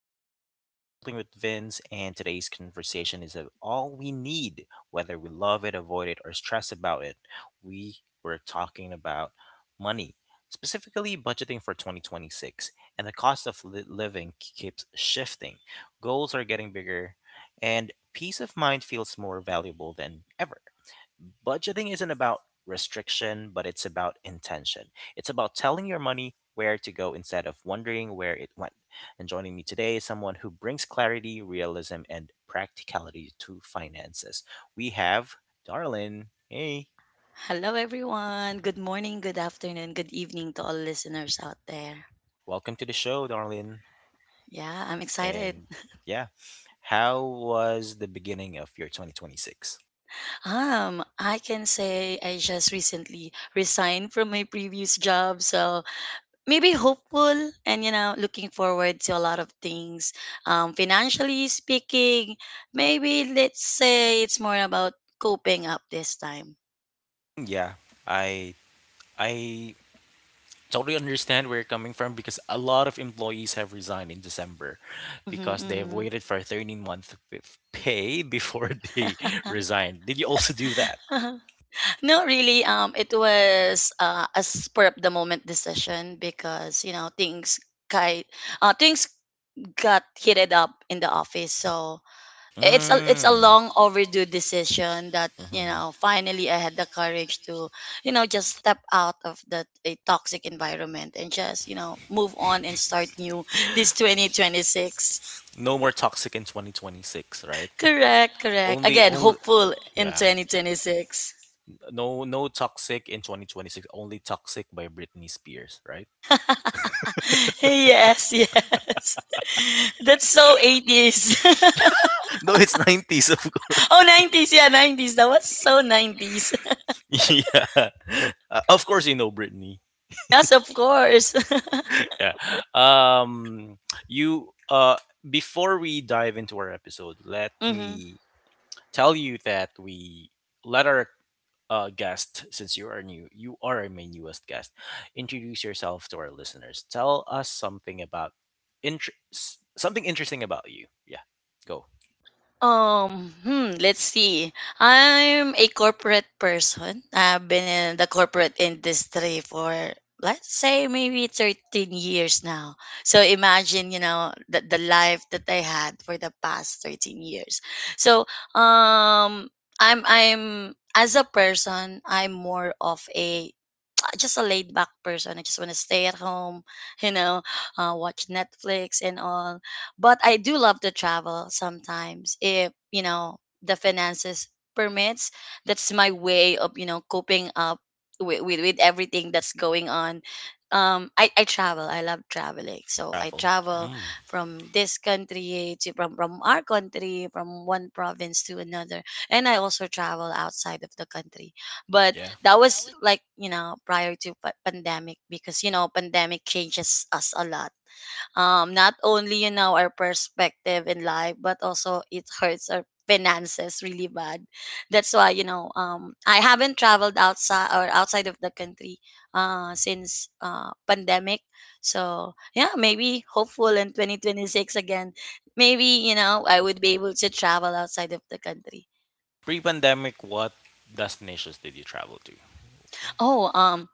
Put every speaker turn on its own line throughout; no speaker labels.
back to The Art of Adulting with Vince. And today's conversation is of all we need, whether we love it, avoid it, or stress about it. We were talking about money, specifically budgeting for 2026. And the cost of living keeps shifting, goals are getting bigger, and peace of mind feels more valuable than ever. Budgeting isn't about restriction, but it's about intention. It's about telling your money where to go instead of wondering where it went. And joining me today is someone who brings clarity, realism, and practicality to finances. We have Darlene. Hey,
Hello, everyone. Good morning, good afternoon, good evening to all listeners out there.
welcome to the show, Darlene.
Yeah, I'm excited.
And yeah, how was the beginning of your 2026?
I can say I just recently resigned from my previous job, so maybe hopeful and you know looking forward to a lot of things. Financially speaking, maybe let's say it's more about coping up this time.
Yeah, I I totally understand where you're coming from because a lot of employees have resigned in December
Mm-hmm,
because they have
mm-hmm.
waited for 13-month with pay before they resigned. Did you also do that?
Not really. It was a spur of the moment decision because you know things ki things got heated up in the office. So it's a
Mm.
long overdue decision that you
Mhm.
know finally I had the courage to you know just step out of that a toxic environment and just you know move on and start new this 2026.
No more toxic in 2026, right?
Correct, correct.
Only
Again,
only
hopeful in
Yeah.
2026.
No toxic in 2026, only toxic by Britney Spears, right?
Yes, yes. That's so 80's.
No, it's 90s of course.
Oh, 90's. Yeah, 90's. That was so 90's.
Yeah. Of course you know Brittany.
Yes, of course.
Yeah. Um you Before we dive into our episode, let
hmm
me tell you that we let our guest, since you are new, you are my newest guest. Introduce yourself to our listeners. Tell us something about something interesting about you. Yeah, go.
Let's see. I'm a corporate person. I've been in the corporate industry for let's say maybe 13 years now. So imagine, you know, the life that I had for the past 13 years. So, um, I'm, as a person, I'm more of a just a laid back person. I just want to stay at home, you know, watch Netflix and all. But I do love to travel sometimes if, you know, the finances permits. That's my way of, you know, coping up with, with everything that's going on. I travel. I love traveling. So I
Travel.
travel
Mm,
from this country to from our country, from one province to another. And I also travel outside of the country. But
yeah.
that was like you know prior to pandemic because you know pandemic changes us a lot, um, not only you know our perspective in life but also it hurts our finances really bad. That's why you know, I haven't traveled outside or outside of the country since pandemic. So yeah, maybe hopeful in 2026 again. Maybe you know I would be able to travel outside of the country.
Pre-pandemic, what destinations did you travel to?
oh um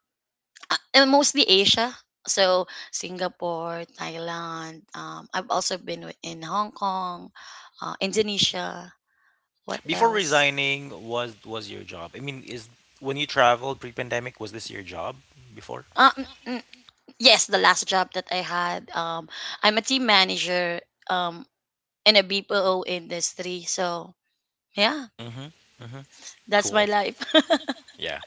and mostly Asia. So Singapore, Thailand. I've also been in Hong Kong, Indonesia. What
Before
else?
resigning, was your job? I mean, is when you traveled pre-pandemic, was this your job before?
Um, mm, yes, the last job that I had. I'm a team manager, um, in a BPO industry. So yeah,
Mm-hmm. Mm-hmm.
that's
Cool.
my
That's my
life.
life. Yeah.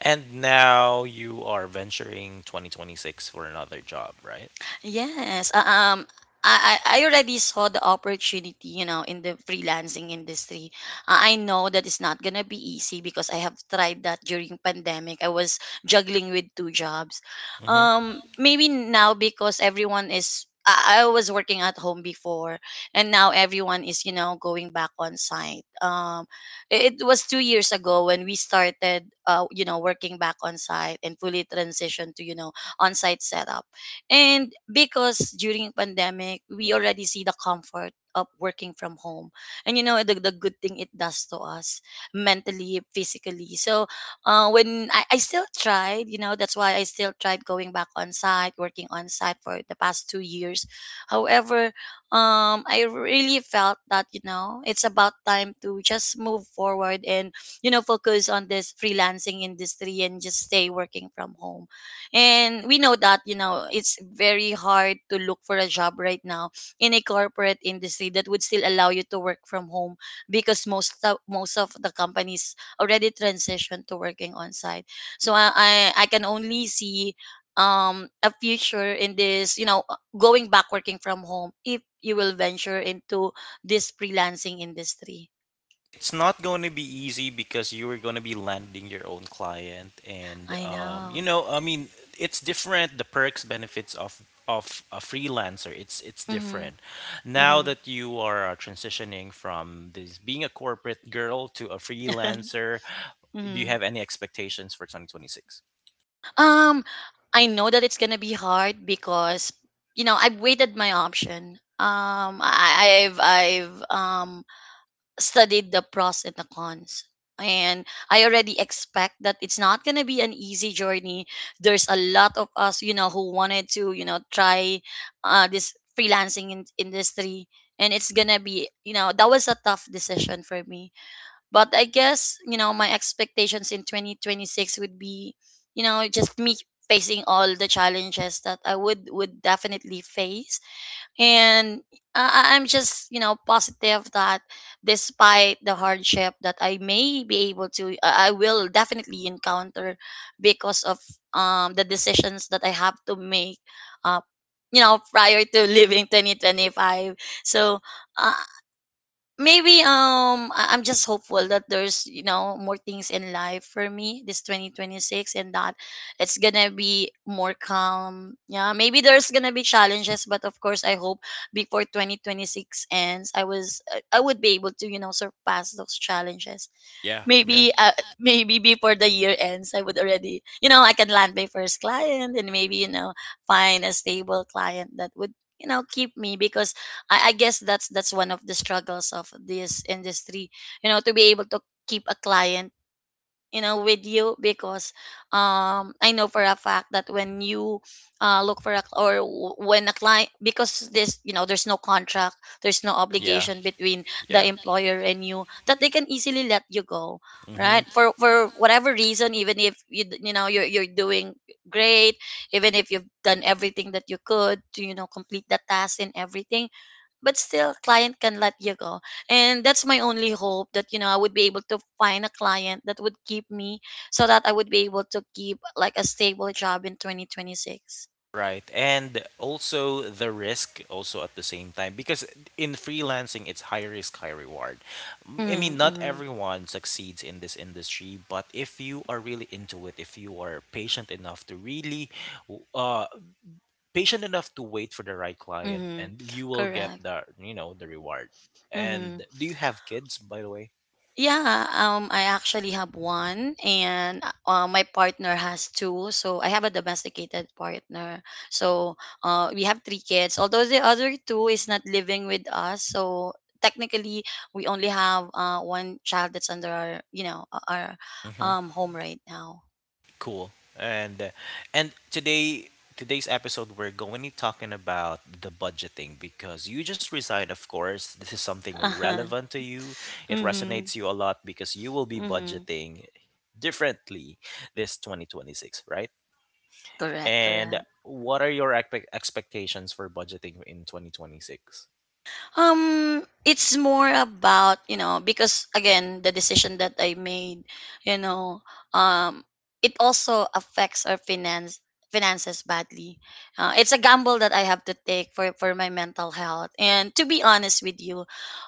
And now you are venturing 2026 for another job, right?
Yes. I already saw the opportunity, you know, in the freelancing industry. I know that it's not gonna be easy because I have tried that during pandemic. I was juggling with 2 jobs. Maybe now because everyone is I was working at home before, and now everyone is, you know, going back on site. It was 2 years ago when we started, you know, working back on site and fully transitioned to, you know, on site setup. And because during pandemic, we already see the comfort of working from home. And you know the good thing it does to us mentally, physically. So I still tried, you know, that's why I still tried going back on site, working on site for the past 2 years. However, I really felt that, you know, it's about time to just move forward and, you know, focus on this freelancing industry and just stay working from home. And we know that, you know, it's very hard to look for a job right now in a corporate industry that would still allow you to work from home because most of the companies already transitioned to working on site. So I can only see a future in this, you know, going back working from home if you will venture into this freelancing industry.
It's not going to be easy because you are going to be landing your own client and
I know.
I mean, it's different. The perks, benefits of a freelancer, it's
Mm-hmm.
different. Now
Mm-hmm.
that you are transitioning from this being a corporate girl to a freelancer, do you have any expectations for 2026?
Um, I know that it's gonna be hard because you know I've waited my option. I've studied the pros and the cons, and I already expect that it's not gonna be an easy journey. There's a lot of us, you know, who wanted to you know try this freelancing industry, and it's gonna be you know that was a tough decision for me, but I guess, you know, my expectations in 2026 would be, you know, just me facing all the challenges that I would definitely face. And I'm just, you know, positive that despite the hardship that I may be able to I will definitely encounter because of the decisions that I have to make uh you know prior to leaving 2025. So uh, I'm just hopeful that there's you know more things in life for me this 2026, and that it's gonna be more calm. Yeah, maybe there's gonna be challenges, but of course I hope before 2026 ends, I was I would be able to you know surpass those challenges.
Yeah. Yeah.
Maybe maybe before the year ends, I would already you know I can land my first client and maybe you know find a stable client that would you know keep me because I guess that's one of the struggles of this industry, you know, to be able to keep a client you know with you. Because I know for a fact that when you look for a when a client, because this you know there's no contract, there's no
Yeah.
obligation between the
Yeah.
employer and you, that they can easily let you go
Hmm.
right for whatever reason. Even if you you know you're doing great, even if you've done everything that you could to you know complete the task and everything, but still client can let you go. And that's my only hope that you know I would be able to find a client that would keep me, so that I would be able to keep like a stable job in 2026.
Right. And also the risk also at the same time because in freelancing it's high risk high reward. I mean,
Mm-hmm,
not
mm-hmm,
everyone succeeds in this industry, but if you are really into it, if you are patient enough to w- uh patient enough to wait for the right client,
mm-hmm.
and you will get
Correct.
the reward.
Mm-hmm.
And do you have kids by the way?
Yeah, I actually have one, and my partner has two. So I have a domesticated partner. So we have 3 kids. Although the other two is not living with us, so technically we only have one child that's under our, you know, our home right now.
Cool. And and today's episode we're going to be talking about the budgeting because you just resigned, of course this is something relevant to you, it
hmm
resonates you a lot because you will be
hmm
budgeting differently this 2026, right?
Correct.
And
Correct.
what are your expectations for budgeting in 2026?
It's more about, you know, because again, the decision that I made, you know, um, it also affects our finances badly. It's a gamble that I have to take for my mental health. And to be honest with you,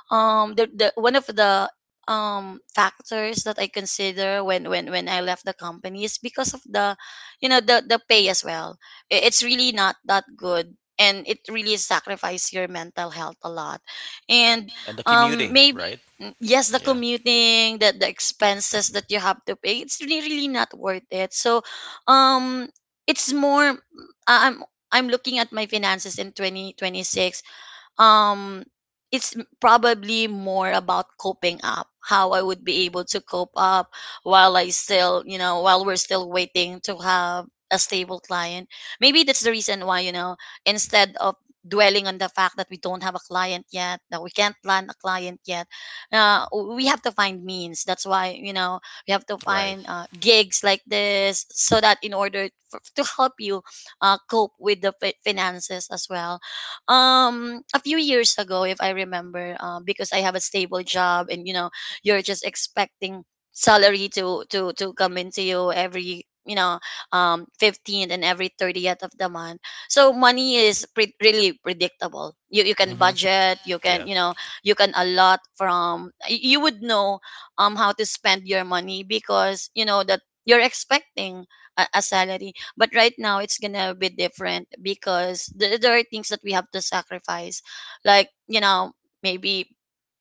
the one of the factors that I consider when I left the company is because of the you know the pay as well. I- It's really not that good, and it really sacrifices your mental health a lot. And
And the commuting,
maybe
right?
yes, the
Yeah.
commuting, the expenses that you have to pay, it's really really not worth it. So um it's more I'm looking at my finances in 2026. um it's probably more about coping up, how I would be able to cope up while I still you know while we're still waiting to have a stable client. Maybe that's the reason why, you know, instead of dwelling on the fact that we don't have a client yet, that we can't plan a client yet, uh, we have to find means. That's why you know we have to
Right.
find gigs like this so that in order for, to help you cope with the finances as well. A few years ago, if I remember, because I have a stable job and you know you're just expecting salary to come into you every you know 15th and every 30th of the month. So money is really predictable. You can
Mhm.
budget, you can
Yeah.
you know you can allot from you would know how to spend your money because you know that you're expecting a salary. But right now, it's gonna be different because there are things that we have to sacrifice, like you know, maybe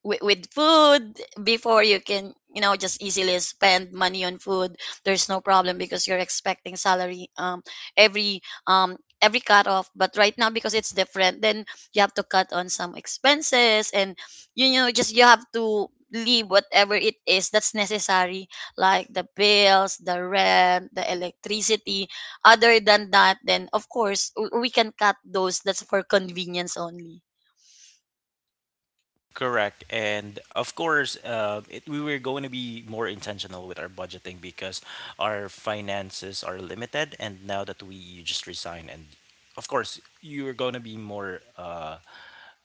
with food. Before you can you know just easily spend money on food, there's no problem because you're expecting salary every every cut off. But right now because it's different, then you have to cut on some expenses, and you know just you have to leave whatever it is that's necessary like the bills, the rent, the electricity. Other than that, then of course we can cut those that's for convenience only.
Correct. And of course, we were going to be more intentional with our budgeting because our finances are limited. And now that we you just resign, and of course, you're going to be more uh,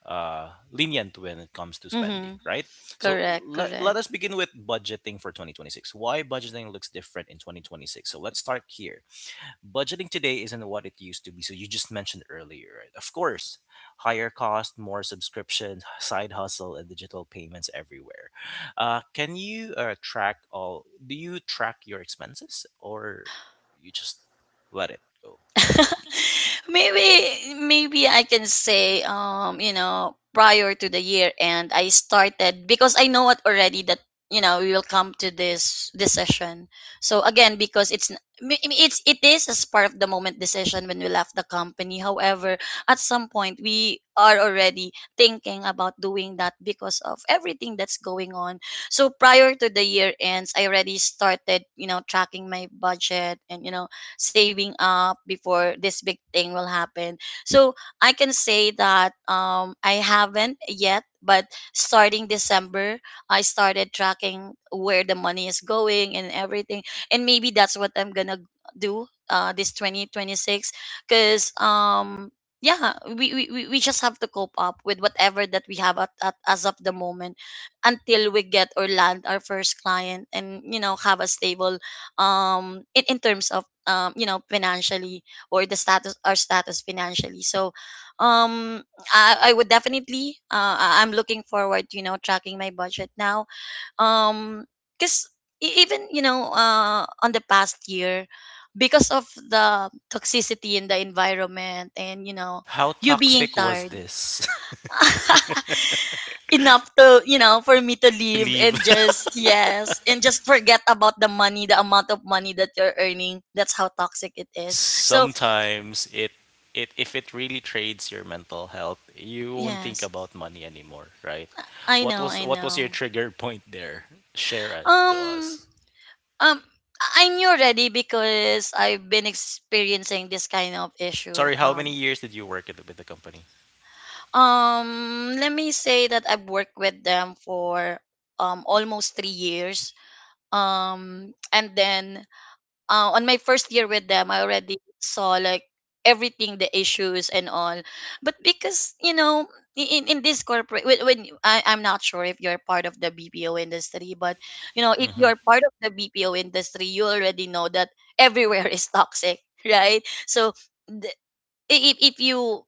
uh, lenient when it comes to spending,
Mm-hmm.
right? So
Correct,
let
correct.
us begin with budgeting for 2026. Why budgeting looks different in 2026. So let's start here. Budgeting today isn't what it used to be. So you just mentioned earlier, right? Of course, higher cost, more subscriptions, side hustle, and digital payments everywhere. Can you track all? Do you track your expenses, or you just let it go?
Maybe maybe I can say you know prior to the year end I started, because I know it already that you know we will come to this decision. So again, because it's I mean, it's it is as part of the moment decision when we left the company. However, at some point we are already thinking about doing that because of everything that's going on. So prior to the year ends, I already started, tracking my budget and saving up before this big thing will happen. So I can say that I haven't yet, but starting December, I started tracking where the money is going and everything. And maybe that's what I'm gonna do this 2026 because yeah, we just have to cope up with whatever that we have at as of the moment until we get or land our first client, and you know have a stable in terms of you know financially, or the status, our status financially. Um I would definitely I'm looking forward to, you know, tracking my budget now um because even you know on the past year, because of the toxicity in the environment and you know
How
you being
toxic was
tired
this?
enough to you know for me to
To
leave
leave
and just yes and just forget about the money, the amount of money that you're earning. That's how toxic it is. So
sometimes, it if it really trades your mental health, you won't think
yes.
about money anymore, right?
i
What
know
was
i
what was your
know
trigger point there? Share it to
um
us.
um I knew already because I've been experiencing this kind of issue.
Sorry, how many years did you work with the company?
Let me say that I've worked with them for almost 3 years. And then On my first year with them, I already saw like everything, the issues and all. But because you know, in this corporate, when I'm not sure if you're part of the BPO industry, but you know, if
Hmm.
you're part of the BPO industry, you already know that everywhere is toxic, right? So. The, if you,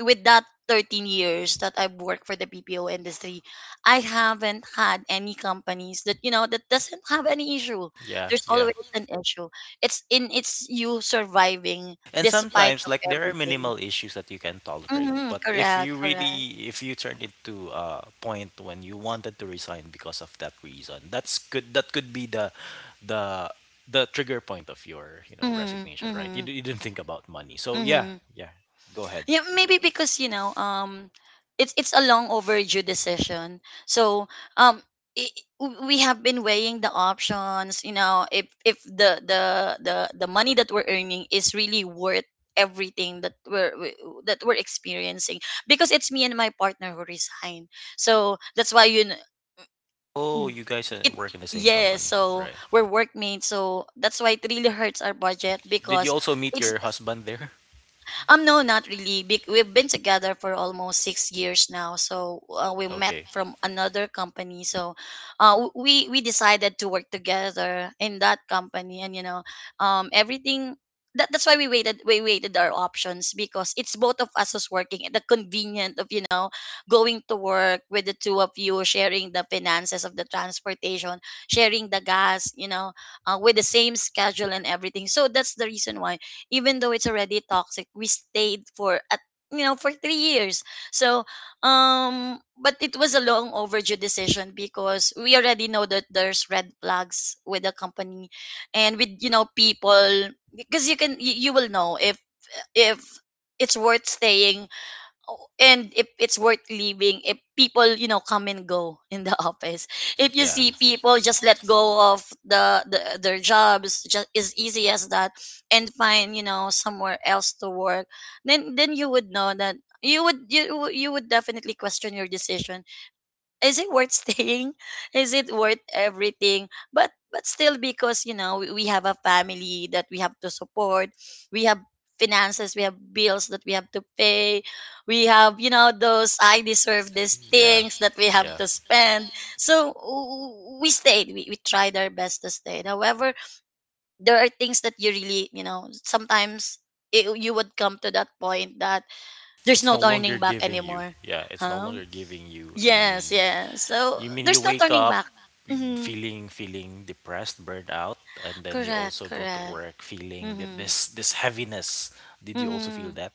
with that 13 years that I've worked for the BPO industry, I haven't had any companies that you know that doesn't have any issue.
Yeah,
There's
yeah.
always an issue. It's you surviving
And
despite
sometimes
of
like there are
everything.
minimal issues that you can tolerate,
Hmm.
but if
Correct,
you
correct.
really, if you turn it to a point when you wanted to resign because of that reason, that's good. That could be the the trigger point of your,
Mm-hmm,
resignation, right?
mm-hmm,
You didn't think about money. So yeah,
mm-hmm.
yeah. Go ahead.
Yeah,
Critique.
maybe because it's a long overdue decision. Um, we have been weighing the options. You know, if the the money that we're earning is really worth everything that that we're experiencing, because it's me and my partner who resign. So that's why you know,
Oh, you guys
it.
work in the same
Yeah,
company,
so
right?
we're workmates, so that's why it really hurts our budget
Did you
because
also meet
it's.
your husband there?
No, not really. We've been together for almost 6 years now. So we met
Okay.
from another company. So we decided to work together in that company, and everything. That's why we waited. We waited our options because it's both of us was working. The convenient of you know going to work with the two of you, sharing the finances of the transportation, sharing the gas, you know, with the same schedule and everything. So that's the reason why even though it's already toxic, we stayed for at you know for 3 years. so but it was a long overdue decision because we already know that there's red flags with the company and with you know people, because you can you will know if if it's worth staying. Oh, and if it's worth leaving, if people you know come and go in the office, if you
Yeah.
see people just let go of the their jobs just as easy as that, and find you know somewhere else to work, then you would know that you would definitely question your decision. Is it worth staying? Is it worth everything? But still, because you know we have a family that we have to support, we have finances, we have bills that we have to pay, we have you know those I deserve, these
Yeah.
things that we have
Yeah.
to spend. So we stayed, we tried our best to stay. However, there are things that you really you know sometimes it, you would come to that point that there's
It's
no
no longer
turning back
giving you.
anymore.
Yeah, it's no
Huh?
longer giving you. I
Yes, yes. So
mean you
there's no
wake
turning
up
back. Mhm.
feeling depressed, burned out, and then you
Correct,
also go to
correct.
work feeling that
Mhm.
this heaviness. Did you also feel
Mhm.
that?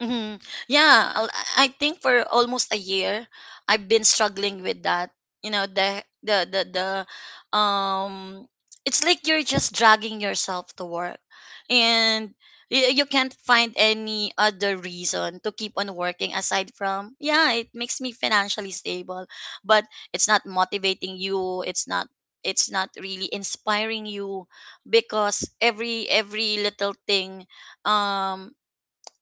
Hmm. Yeah, I think for almost a year, I've been struggling with that. You know, the um, it's like you're just dragging yourself to work, and you can't find any other reason to keep on working aside from yeah, it makes me financially stable, but it's not motivating you. It's not, it's not really inspiring you because every little thing um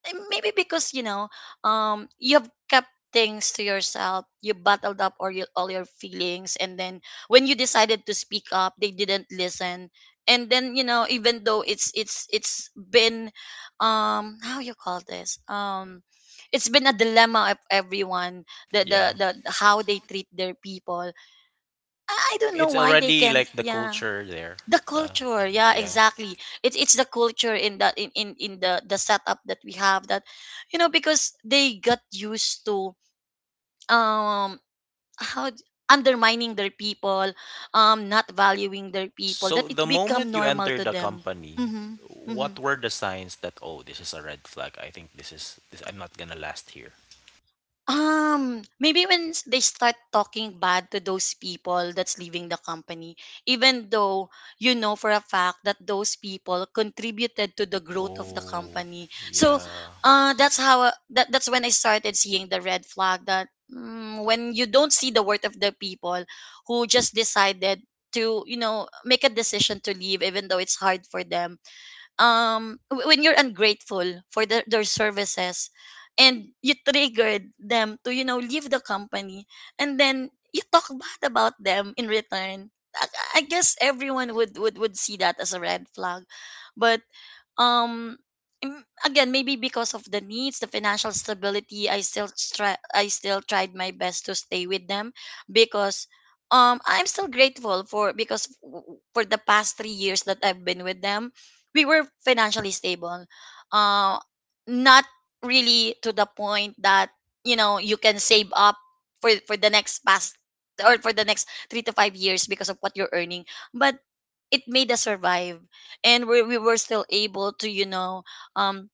eh, maybe because you know you've kept things to yourself, you bottled up all your feelings, and then when you decided to speak up, they didn't listen. And then you know even though it's it's been how you call this, it's been a dilemma of everyone,
Yeah,
the how they treat their people. I don't know
it's
why they
already
can,
like the
yeah.
culture there.
The
Uh,
culture, yeah,
yeah.
exactly. It's the culture in in the setup that we have, that you know because they got used to um how d- undermining their people, not valuing their people, that
So
it
the
become
moment you
normal
enter
to
the
them.
company,
Mm-hmm, mm-hmm.
what were the signs that oh, this is a red flag? I think this I'm not gonna last here.
Maybe when they start talking bad to those people that's leaving the company, even though you know for a fact that those people contributed to the
Oh.
growth of the company.
So
So,
yeah.
that that's when I started seeing the red flag that mm, when you don't see the worth of the people who just decided to you know make a decision to leave even though it's hard for them. When you're ungrateful for their services, and you triggered them to you know leave the company, and then you talk bad about them in return, i, I guess everyone would see that as a red flag. But um mm, again maybe because of the needs, the financial stability, I still tried my best to stay with them because I'm still grateful for because for the past 3 years that I've been with them, we were financially stable. uh Not really to the point that you know you can save up for the next past, or for the next 3 to 5 years because of what you're earning, but it made us survive, and we were still able to you know um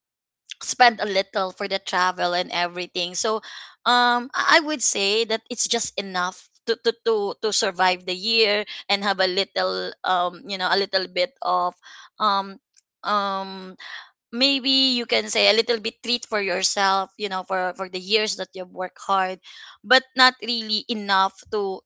spend a little for the travel and everything. So I would say that it's just enough to to to, to survive the year and have a little you know a little bit of um um maybe you can say a little bit treat for yourself, you know, for the years that you've worked hard, but not really enough to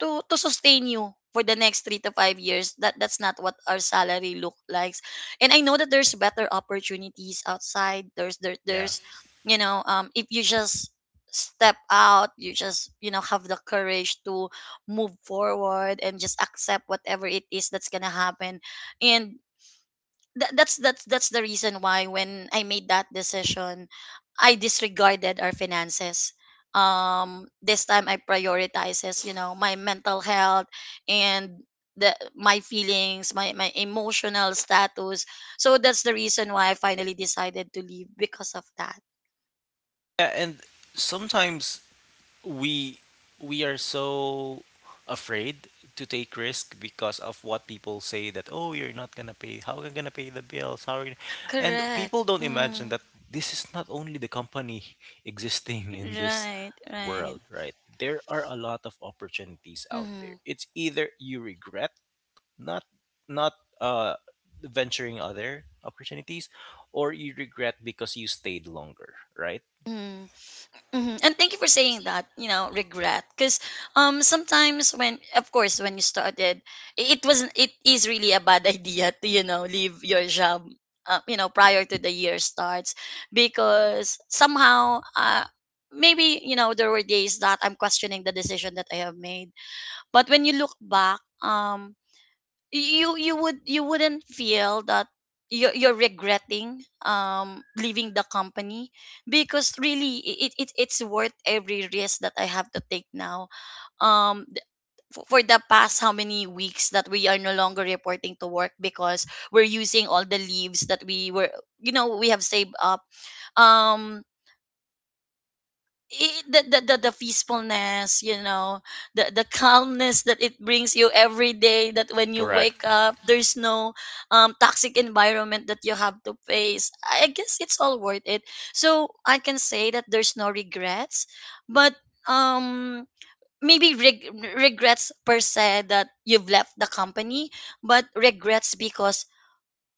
to sustain you for the next 3 to 5 years. That that's not what our salary look likes. And I know that there's better opportunities outside.
Yeah.
There's you know if you just step out, you just you know have the courage to move forward and just accept whatever it is that's gonna happen. And that's the reason why when I made that decision, I disregarded our finances. This time I prioritizes, you know, my mental health, and the my feelings, my emotional status. So that's the reason why I finally decided to leave because of that.
Yeah, and sometimes we we are so afraid to take risk because of what people say, that oh, you're not gonna pay, how are you gonna pay the bills, how are you gonna-" and people
Correct.
don't imagine that this is not only the company existing in this
Right. Right.
world, right? There are a lot of opportunities out there.
Mm-hmm.
It's either you regret not not uh venturing other opportunities, or you regret because you stayed longer, right?
Mm-hmm. Hmm. And thank you for saying that, you know, regret. Because sometimes when of course when you started, it wasn't it is really a bad idea to, you know, leave your job, you know, prior to the year starts, because somehow maybe, you know, there were days that I'm questioning the decision that I have made. But when you look back, you you would you wouldn't feel that you're regretting leaving the company because really it's worth every risk that I have to take now. um th- for the past how many weeks that we are no longer reporting to work because we're using all the leaves that we were you know we have saved up. um the, the peacefulness, you know, the calmness that it brings you every day, that when you
Correct.
wake up there's no toxic environment that you have to face. I guess it's all worth it, so I can say that there's no regrets. But um maybe regrets per se that you've left the company, but regrets because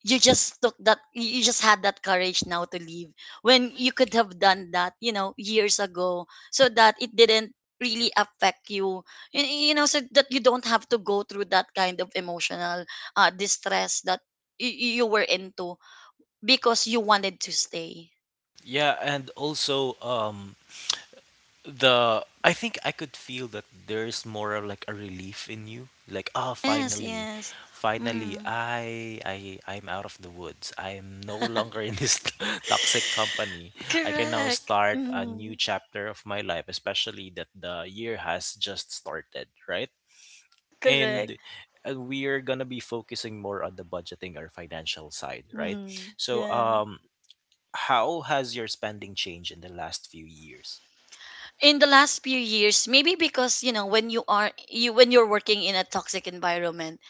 you just had that courage now to leave, when you could have done that, you know, years ago, so that it didn't really affect you. You know, so that you don't have to go through that kind of emotional distress that you were into because you wanted to stay.
Yeah, and also the I think I could feel that there's more of like a relief in you. Like, ah,
Yes,
finally.
yes.
Finally,
Mm.
I'm out of the woods. I'm no longer in this toxic company. I can now
Correct.
start a new
Mm.
chapter of my life, especially that the year has just started, right?
Correct.
And we are gonna be focusing more on the budgeting or financial side, right?
Mm,
So
yeah.
how has your spending changed in the last few years?
In the last few years, maybe because, you know, when you are you when you're working in a toxic environment,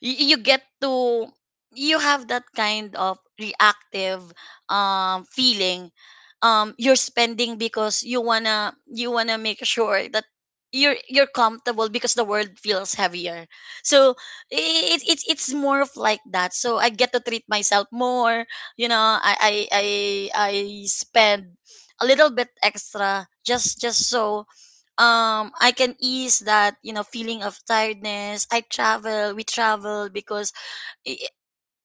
you get to, you have that kind of reactive feeling. You're spending because you wanna make sure that you're comfortable, because the world feels heavier. So it, it's more of like that. So I get to treat myself more, you know. I spend a little bit extra, just so I can ease that, you know, feeling of tiredness. I travel, we travel because i- i-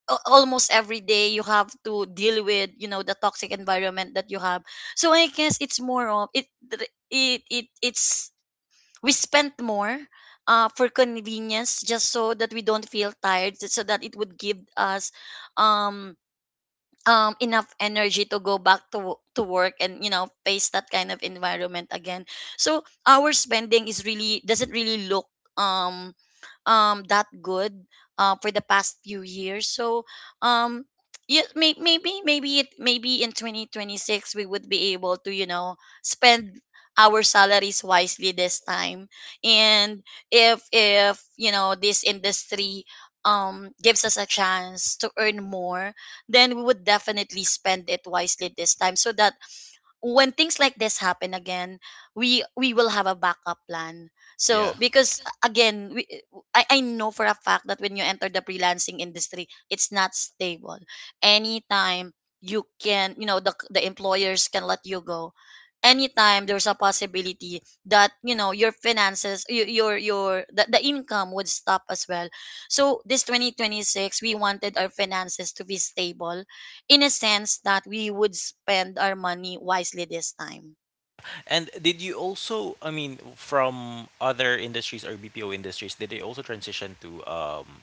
almost every day you have to deal with, you know, the toxic environment that you have. So I guess it's more of it. It's, we spent more for convenience, just so that we don't feel tired, so that it would give us um enough energy to go back to work and, you know, face that kind of environment again. So our spending is, really doesn't really look um that good, for the past few years. So um yeah, maybe in 2026 we would be able to, you know, spend our salaries wisely this time. And if, you know, this industry gives us a chance to earn more, then we would definitely spend it wisely this time, so that when things like this happen again, we will have a backup plan. So
Yeah.
because again, I know for a fact that when you enter the freelancing industry, it's not stable. Anytime you know, the employers can let you go anytime. There's a possibility that, you know, your finances, your the income would stop as well. So this 2026, we wanted our finances to be stable, in a sense that we would spend our money wisely this time.
And did you also, I mean, from other industries or BPO industries, did they also transition to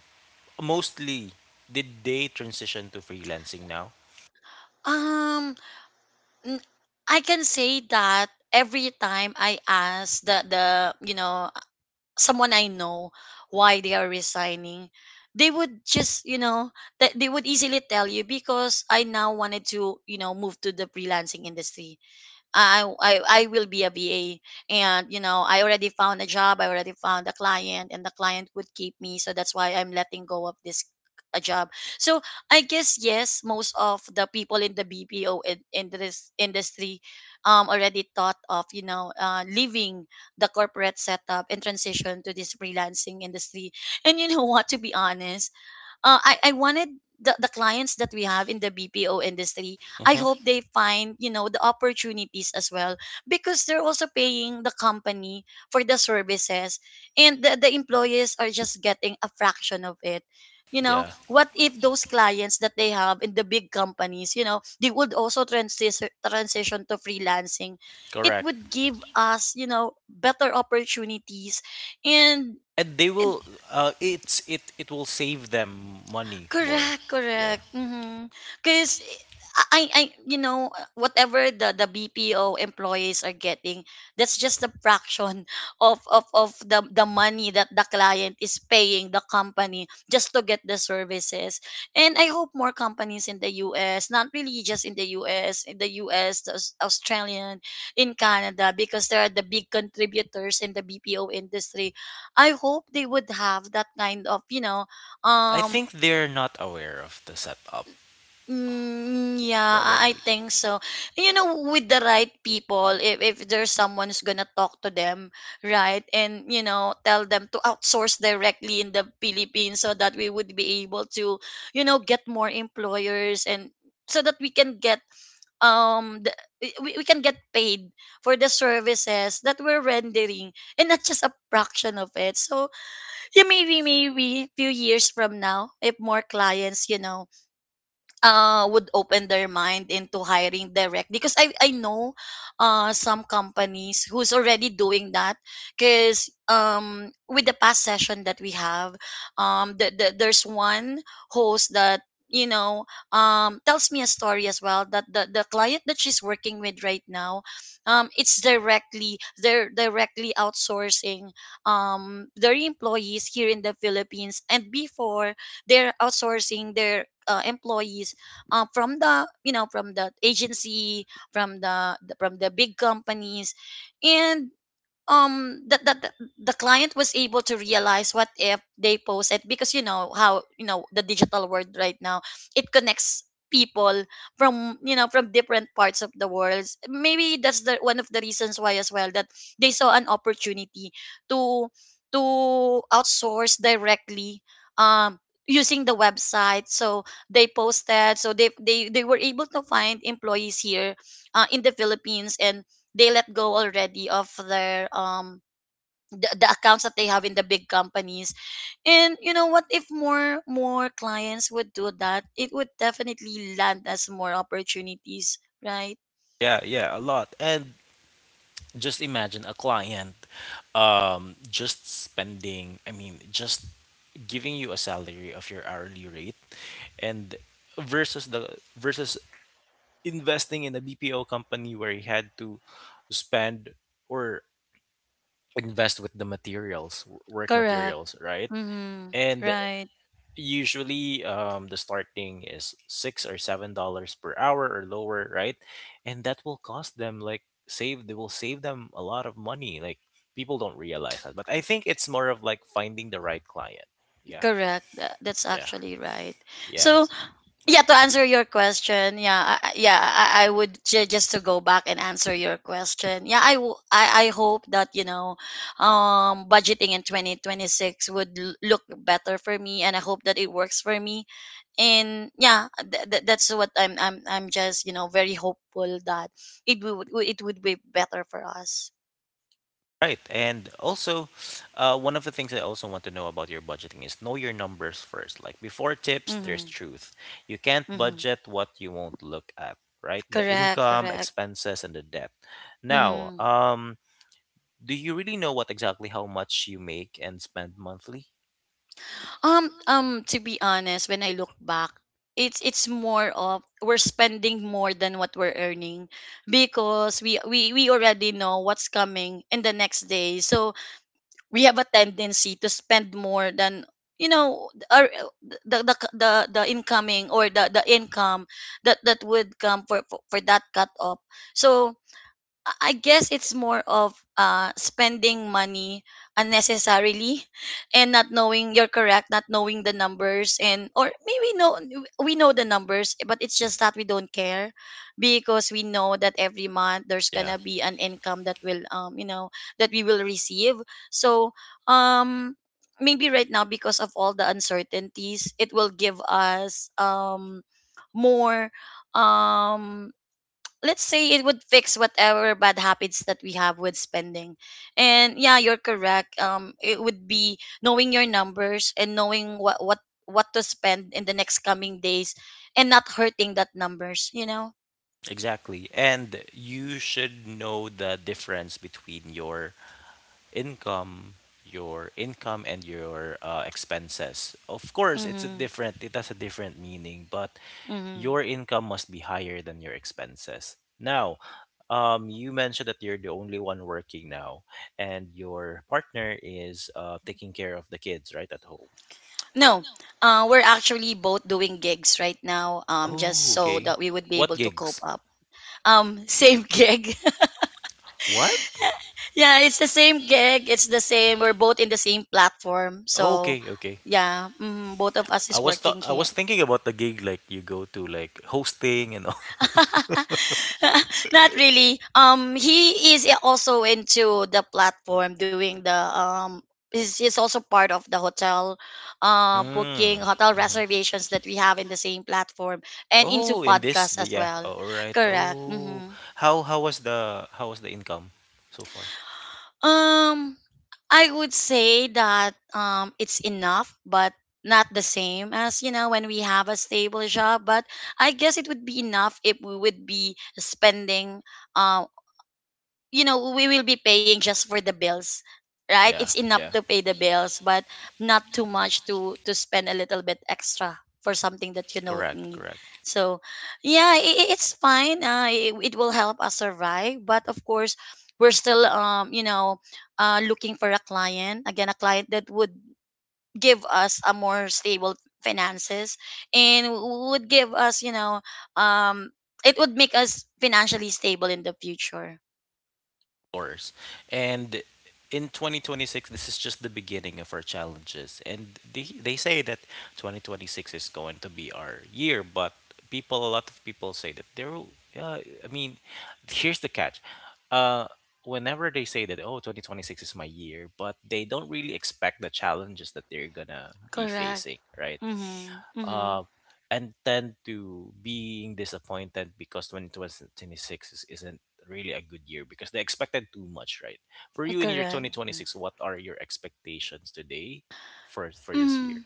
mostly, did they transition to freelancing now?
Um, n- I can say that every time I ask the you know someone I know why they are resigning, they would just, you know, that they would easily tell you, because I now wanted to, you know, move to the freelancing industry. I will be a VA, and you know, I already found a job. I already found a client, and the client would keep me. So that's why I'm letting go of this a job. So I guess, yes, most of the people in the BPO, in this industry already thought of, you know, leaving the corporate setup and transition to this freelancing industry. And you know what? To be honest, I wanted the clients that we have in the BPO industry, I
Mm-hmm.
hope they find, you know, the opportunities as well, because they're also paying the company for the services, and the employees are just getting a fraction of it. You know,
Yeah.
what if those clients that they have in the big companies, you know, they would also transition to freelancing. It
Correct.
would give us, you know, better opportunities. And
And they will it's it it will save them money more.
correct,
Yeah.
correct. Mm-hmm. Because you know, whatever the BPO employees are getting, that's just a fraction of, the money that the client is paying the company just to get the services. And I hope more companies in the US, not really just in the US, in the US, the Australian, in Canada, because they are the big contributors in the BPO industry. I hope they would have that kind of, you know,
I
um
think they're not aware of the setup
mm, yeah, I
probably.
think so. You know, with the right people, if there's someone who's gonna talk to them, right, and, you know, tell them to outsource directly in the Philippines, so that we would be able to, you know, get more employers and so that we can get um the, we can get paid for the services that we're rendering, and not just a fraction of it. So yeah, maybe maybe few years from now, if more clients, you know, would open their mind into hiring direct. Because I know some companies who's already doing that. Because with the past session that we have, there's one host that, you know, tells me a story as well, that the client that she's working with right now, it's directly, they're directly outsourcing their employees here in the Philippines. And before, they're outsourcing their employees from the, you know, from the agency, from the from the big companies. And um that that the, the client was able to realize, what if they post it, because, you know, how, you know, the digital world right now, it connects people from, you know, from different parts of the world. Maybe that's the one of the reasons why as well, that they saw an opportunity to to outsource directly, um using the website. So they posted, so they were able to find employees here in the Philippines, and they let go already of their the accounts that they have in the big companies. And you know what, if more clients would do that, it would definitely land us more opportunities, right.
Yeah, yeah, a lot. And just imagine a client just spending, I mean just giving you a salary of your hourly rate and versus the versus investing in a BPO company where you had to spend or invest with the materials, work
Correct.
materials, right?
Mm-hmm.
And
Right.
usually the starting is $6 or $7 per hour or lower, right? And that will cost them, like, save they will save them a lot of money, like, people don't realize that, but I think it's more of like finding the right client. Yeah.
Correct. That's
Yeah.
actually right.
Yeah.
So yeah, to answer your question, yeah, I would, just to go back and answer your question, yeah, I, w- I hope that, you know, budgeting in 2026 would look better for me, and I hope that it works for me. And yeah, that's what I'm just, you know, very hopeful that it would, it would be better for us.
Right, and also one of the things I also want to know about your budgeting is know your numbers first. Like before tips there's
Mm-hmm.
truth, you can't
Mm-hmm.
budget what you won't look at, right? The
Correct,
income,
correct.
expenses, and the debt. Now,
Mm-hmm.
do you really know what exactly how much you make and spend monthly?
Um, to be honest, when I look back, it's more of we're spending more than what we're earning, because we already know what's coming in the next day. So we have a tendency to spend more than, you know, our, the the incoming, or the income that that would come for for that cut off. So I guess it's more of spending money unnecessarily, and not knowing, you're correct, not knowing the numbers. And or maybe know, we know the numbers, but it's just that we don't care, because we know that every month there's
Yeah.
gonna be an income that will, you know, that we will receive. So um maybe right now, because of all the uncertainties, it will give us more um let's say, it would fix whatever bad habits that we have with spending. And yeah, you're correct, it would be knowing your numbers and knowing what to spend in the next coming days, and not hurting that numbers, you know.
Exactly. And you should know the difference between your income, and your expenses. Of course, it's a
Mm-hmm.
different it has a different meaning, but
Mm-hmm.
your income must be higher than your expenses. Now, you mentioned that you're the only one working now, and your partner is taking care of the kids, right, at home.
No, we're actually both doing gigs right now, just
Oh,
so
okay.
that we would be
What
able to cope
gigs?
up. Same gig.
What?
Yeah, it's the same gig. It's the same. We're both in the same platform. So
Okay, okay.
yeah, mm, both of us is working
I
here.
was thinking about the gig like you go to like hosting and all.
Not really. He is also into the platform doing the. He's also part of the hotel
Mm.
booking, hotel
Mhm.
reservations that we have in the same platform, and into
Oh, in this,
podcasts
the,
as
yeah.
well.
Oh, all right.
Correct.
Oh,
Mm-hmm.
how was the income so far?
Um, I would say that it's enough, but not the same as, you know, when we have a stable job. But I guess it would be enough if we would be spending, um you know, we will be paying just for the bills, right. It's
Yeah,
enough
yeah.
to pay the bills, but not too much to spend a little bit extra for something that you don't
Correct,
need.
correct.
So yeah, it's fine. It will help us survive, but of course we're still, you know, looking for a client again, a client that would give us a more stable finances, and would give us, you know, um it would make us financially stable in the future.
Explorers. And in 2026, this is just the beginning of our challenges. And they say that 2026 is going to be our year, but people, a lot of people say that I mean, here's the catch. Uh, Whenever they say that, oh, 2026 is my year, but they don't really expect the challenges that they're gonna be
Correct.
facing, right?
Mhm, mhm.
uh, and tend to being disappointed because 2026 isn't really a good year because they expected too much, right? For you in your
Correct.
2026, what are your expectations today for this year?
Mm.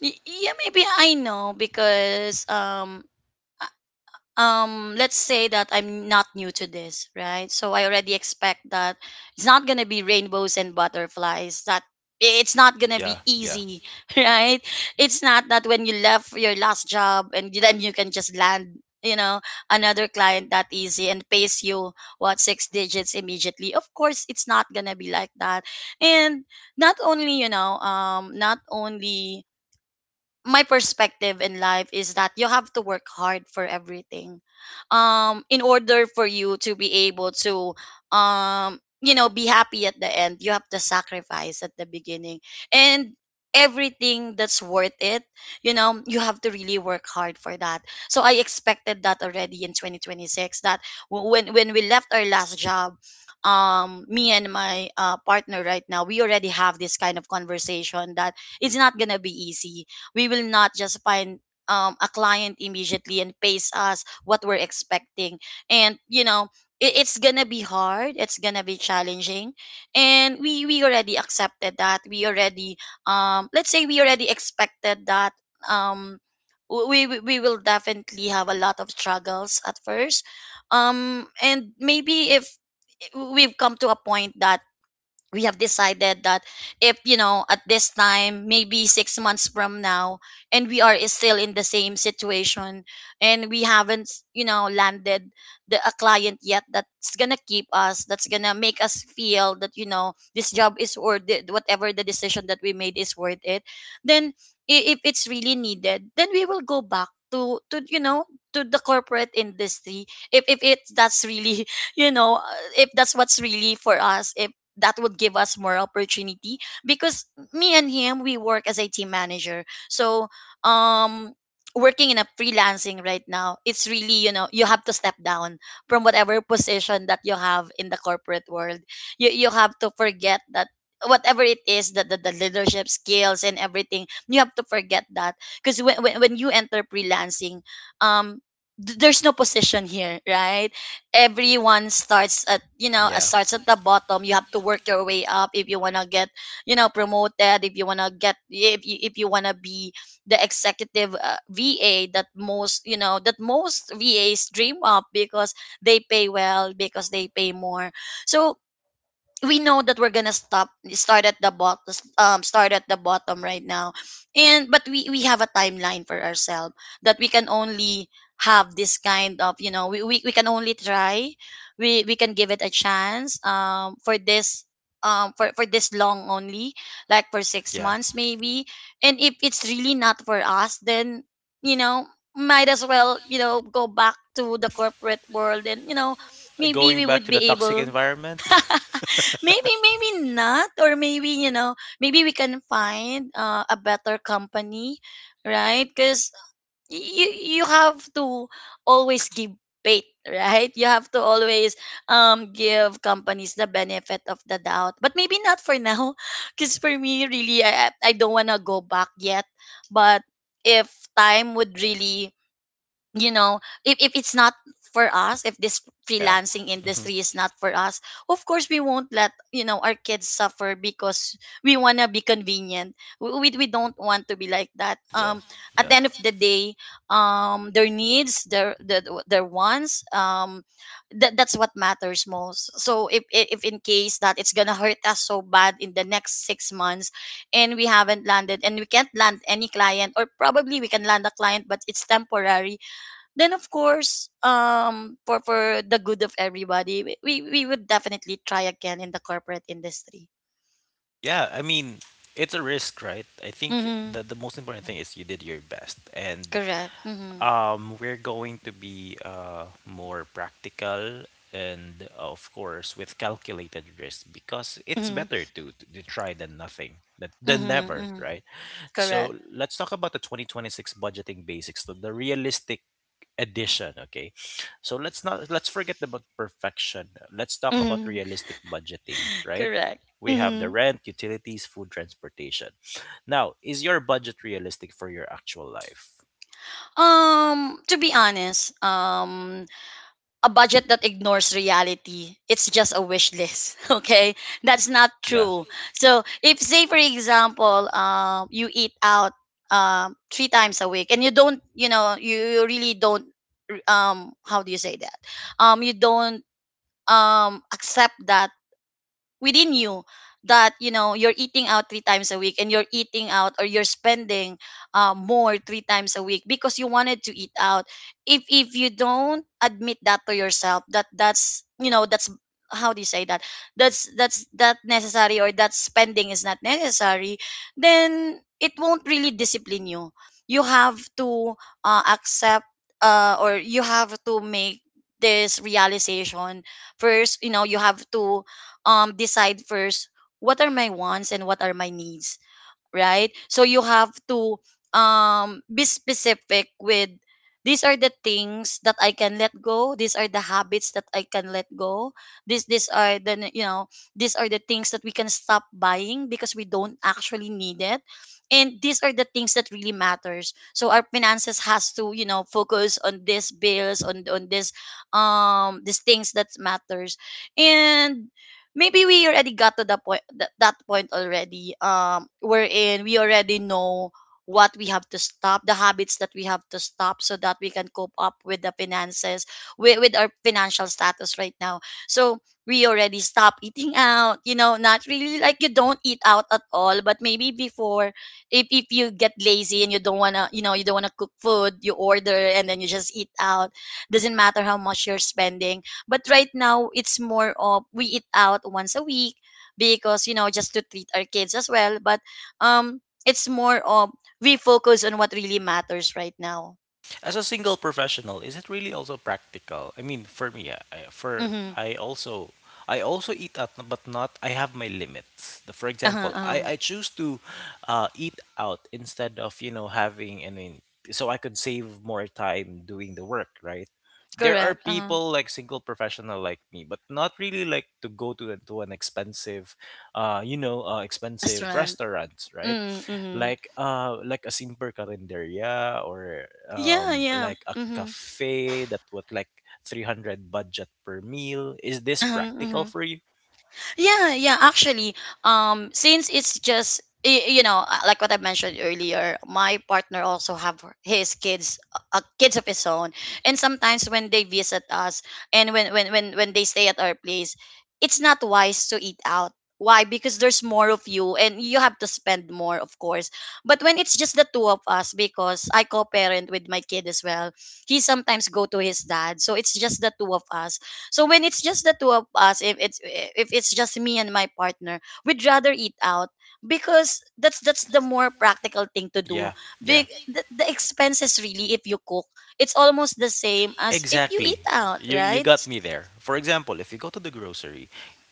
Yeah, maybe I know because I let's say that I'm not new to this, right? So I already expect that it's not going to be rainbows and butterflies that it's not going to be
Yeah, yeah,
easy right? It's not that when you left your last job and then you can just land, you know, another client that easy and pays you what, six digits immediately. Of course it's not going to be like that. And not only, my perspective in life is that you have to work hard for everything. In order for you to be able to, you know, be happy at the end, you have to sacrifice at the beginning. And everything that's worth it, you know, you have to really work hard for that. So I expected that already in 2026, that when we left our last job, me and my partner right now, we already have this kind of conversation that it's not gonna be easy. We will not just find a client immediately and pays us what we're expecting. And it's gonna be hard. It's gonna be challenging, and we already accepted that. We already, let's say we already expected that, um we will definitely have a lot of struggles at first. And maybe if we've come to a point that we have decided that, if you know, at this time, maybe 6 months from now, and we are still in the same situation, and we haven't, you know, landed the a client yet that's gonna keep us, that's gonna make us feel that, you know, this job is worth it, whatever the decision that we made is worth it, then, if it's really needed, then we will go back to, you know, to the corporate industry, if it's that's really you know, if that's what's really for us, that would give us more opportunity. Because me and him, we work as a team manager. So um working in a freelancing right now, it's really, you know, you have to step down from whatever position that you have in the corporate world. You have to forget that. Whatever it is, that the leadership skills and everything, you have to forget that. Because when you enter freelancing, um there's no position here, right? Everyone starts at, you know,
yeah,
starts at the bottom. You have to work your way up if you want to get, you know, promoted, if you want to get, if you want to be the executive, VA, that most, you know, that most VAs dream of, because they pay well, because they pay more. So we know that we're gonna stop start at the bottom, start at the bottom right now. And but we have a timeline for ourselves that we can only have this kind of, you know, we can only try. We can give it a chance, for this, for this long only, like for six
yeah.
months maybe. And if it's really not for us, then, you know, might as well, you know, go back to the corporate world. And you know, maybe
Going
we
back
would
to the
be
toxic
able.
environment.
Maybe not, or maybe, you know, maybe we can find a better company, right? Because you you have to always give faith right? You have to always, give companies the benefit of the doubt. But maybe not for now. Because for me really, I don't want to go back yet. But if time would really, you know, if it's not for us, if this
Yeah.
freelancing
Hmm.
industry is not for us, of course we won't let, you know, our kids suffer. Because we want to be convenient, we don't want to be like that.
Yeah,
At the
yeah,
end of the day, their needs, their wants, that, that's what matters most. So if in case that it's gonna hurt us so bad in the next 6 months, and we haven't landed, and we can't land any client, or probably we can land a client but it's temporary, then of course, for the good of everybody, we would definitely try again in the corporate industry.
yeah. I mean, it's a risk, right? I think
Mm-hmm.
the most important thing is you did your best, and
Correct. Mm-hmm.
We're going to be more practical and, of course, with calculated risk because it's
Mm-hmm.
better to try than nothing, than
Mm-hmm.
never,
Mm-hmm.
right?
Correct.
So let's talk about the 2026 budgeting basics, the realistic edition, okay? So let's not let's forget about perfection. Let's talk about
Mm-hmm.
realistic budgeting, right?
Correct.
We have the
Mm-hmm.
rent, utilities, food, transportation. Now, is your budget realistic for your actual life?
um to be honest, a budget that ignores reality, it's just a wish list. Okay, that's not
Yeah.
true. So if, say for example, you eat out three times a week, and you don't, you know, you really don't, how do you say that? You don't accept that within you, that, you know, you're eating out three times a week, and you're eating out, or you're spending more three times a week because you wanted to eat out. If you don't admit that to yourself, that that's, you know, that's, how do you say that, that's that necessary, or that spending is not necessary, then it won't really discipline you. You have to accept, or you have to make this realization first. You know, you have to decide first, what are my wants and what are my needs, right? So you have to be specific with, these are the things that I can let go, these are the habits that I can let go, this these are the, you know, these are the things that we can stop buying, because we don't actually need it. And these are the things that really matters, so our finances has to, you know, focus on these bills, on this, these things that matters. And maybe we already got to the point that, that point already, wherein we already know what we have to stop, the habits that we have to stop, so that we can cope up with the finances, with our financial status right now. So we already stop eating out. You know, not really like you don't eat out at all, but maybe before, if you get lazy and you don't want to, you know, you don't want to cook food, you order, and then you just eat out, doesn't matter how much you're spending. But right now, it's more of, we eat out once a week, because, you know, just to treat our kids as well. But um, it's more of, we focus on what really matters right now.
As a single professional, is it really also practical? I mean, for me, yeah, I- for
Mm-hmm.
I also I also eat out, but not. I have my limits. The, for
Uh-huh,
example,
um,
I choose to eat out instead of having. I mean, so I could save more time doing the work, right? There are
Correct. Uh-huh.
people like single professional like me, but not really like to go to, to an expensive expensive
Restaurant.
restaurants, right?
Mm-hmm. Mm-hmm.
Like a simple carinderia or
Yeah, yeah.
like a
Mm-hmm.
cafe that would like 300 budget per meal. Is this
Uh-huh,
practical
mhm.
for you?
Yeah, yeah, actually, since it's just, you know, like what I mentioned earlier, my partner also have his kids, kids of his own. And sometimes when they visit us, and when they stay at our place, it's not wise to eat out. Why? Because there's more of you and you have to spend more, of course. But when it's just the two of us, because I co-parent with my kid as well, he sometimes go to his dad, so it's just the two of us. So when it's just the two of us, if it's just me and my partner, we'd rather eat out because that's the more practical thing to do.
Yeah, yeah.
Big The expenses really, if you cook, it's almost the same as if you
Exactly.
eat out,
You
right?
got me there. For example, if you go to the grocery,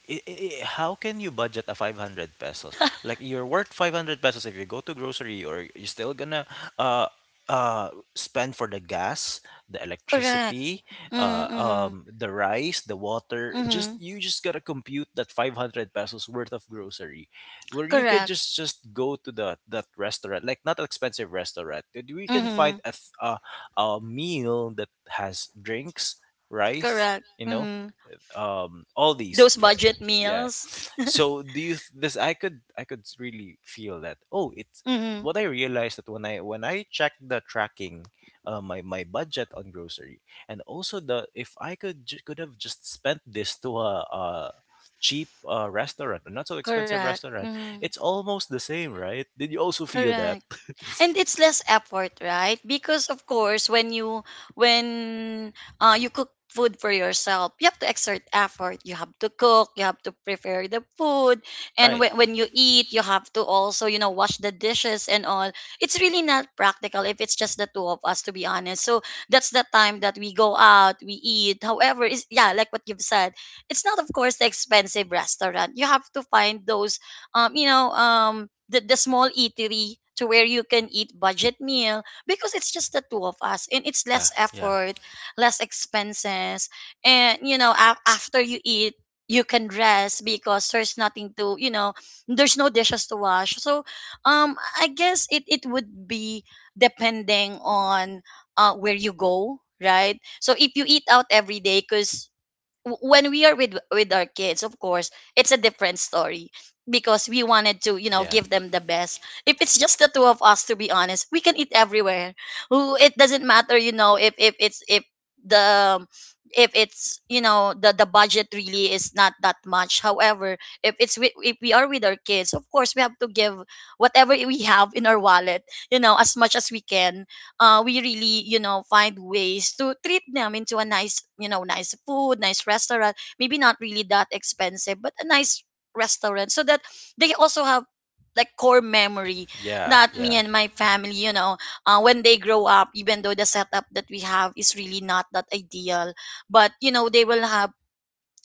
how can you budget a 500 pesos? Like you're worth 500 pesos if you go to grocery or you're still gonna uh uh spend for the gas, the
Correct.
electricity,
Mm-hmm.
the rice, the water.
Mm-hmm.
Just you just got to compute that 500 pesos worth of grocery where you could
Correct.
just go to the that restaurant, like not expensive restaurant. That We can
Mm-hmm.
find a th- a meal that has drinks, rice,
Correct.
you know,
Mm-hmm.
all these,
Those
yeah, right?
budget
Yeah.
meals.
So do you th- this? I could really feel that. Oh, it's
Mm-hmm.
what I realized that when I checked the tracking, my my budget on grocery, and also the if I could could have just spent this to a cheap restaurant, a not so expensive
Correct.
restaurant.
Mm-hmm.
It's almost the same, right? Did you also feel that?
Correct. And it's less effort, right? Because of course, when you, when, you cook food for yourself, you have to exert effort, you have to cook, you have to prepare the food. And
Right.
when you eat, you have to also, you know, wash the dishes and all. It's really not practical if it's just the two of us, to be honest. So that's the time that we go out, we eat. However, is, yeah, like what you've said, it's not of course the expensive restaurant, you have to find those, you know, the small eatery, to where you can eat budget meal, because it's just the two of us and it's
Yeah,
less
yeah,
effort, less expenses. And, you know, after you eat, you can rest because there's nothing to, you know, there's no dishes to wash. So, I guess it, it would be depending on, where you go, right? So if you eat out every day, because when we are with our kids, of course it's a different story, because we wanted to
yeah.
give them the best. If it's just the two of us, to be honest, we can eat everywhere. Who, it doesn't matter, if it's if the if it's the budget really is not that much. However, if we are with our kids, of course we have to give whatever we have in our wallet, as much as we can. We really find ways to treat them into a nice you know nice food, nice restaurant, maybe not really that expensive, but a nice restaurant, so that they also have like core memory,
Yeah,
that me
yeah.
and my family, when they grow up, even though the setup that we have is really not that ideal, but they will have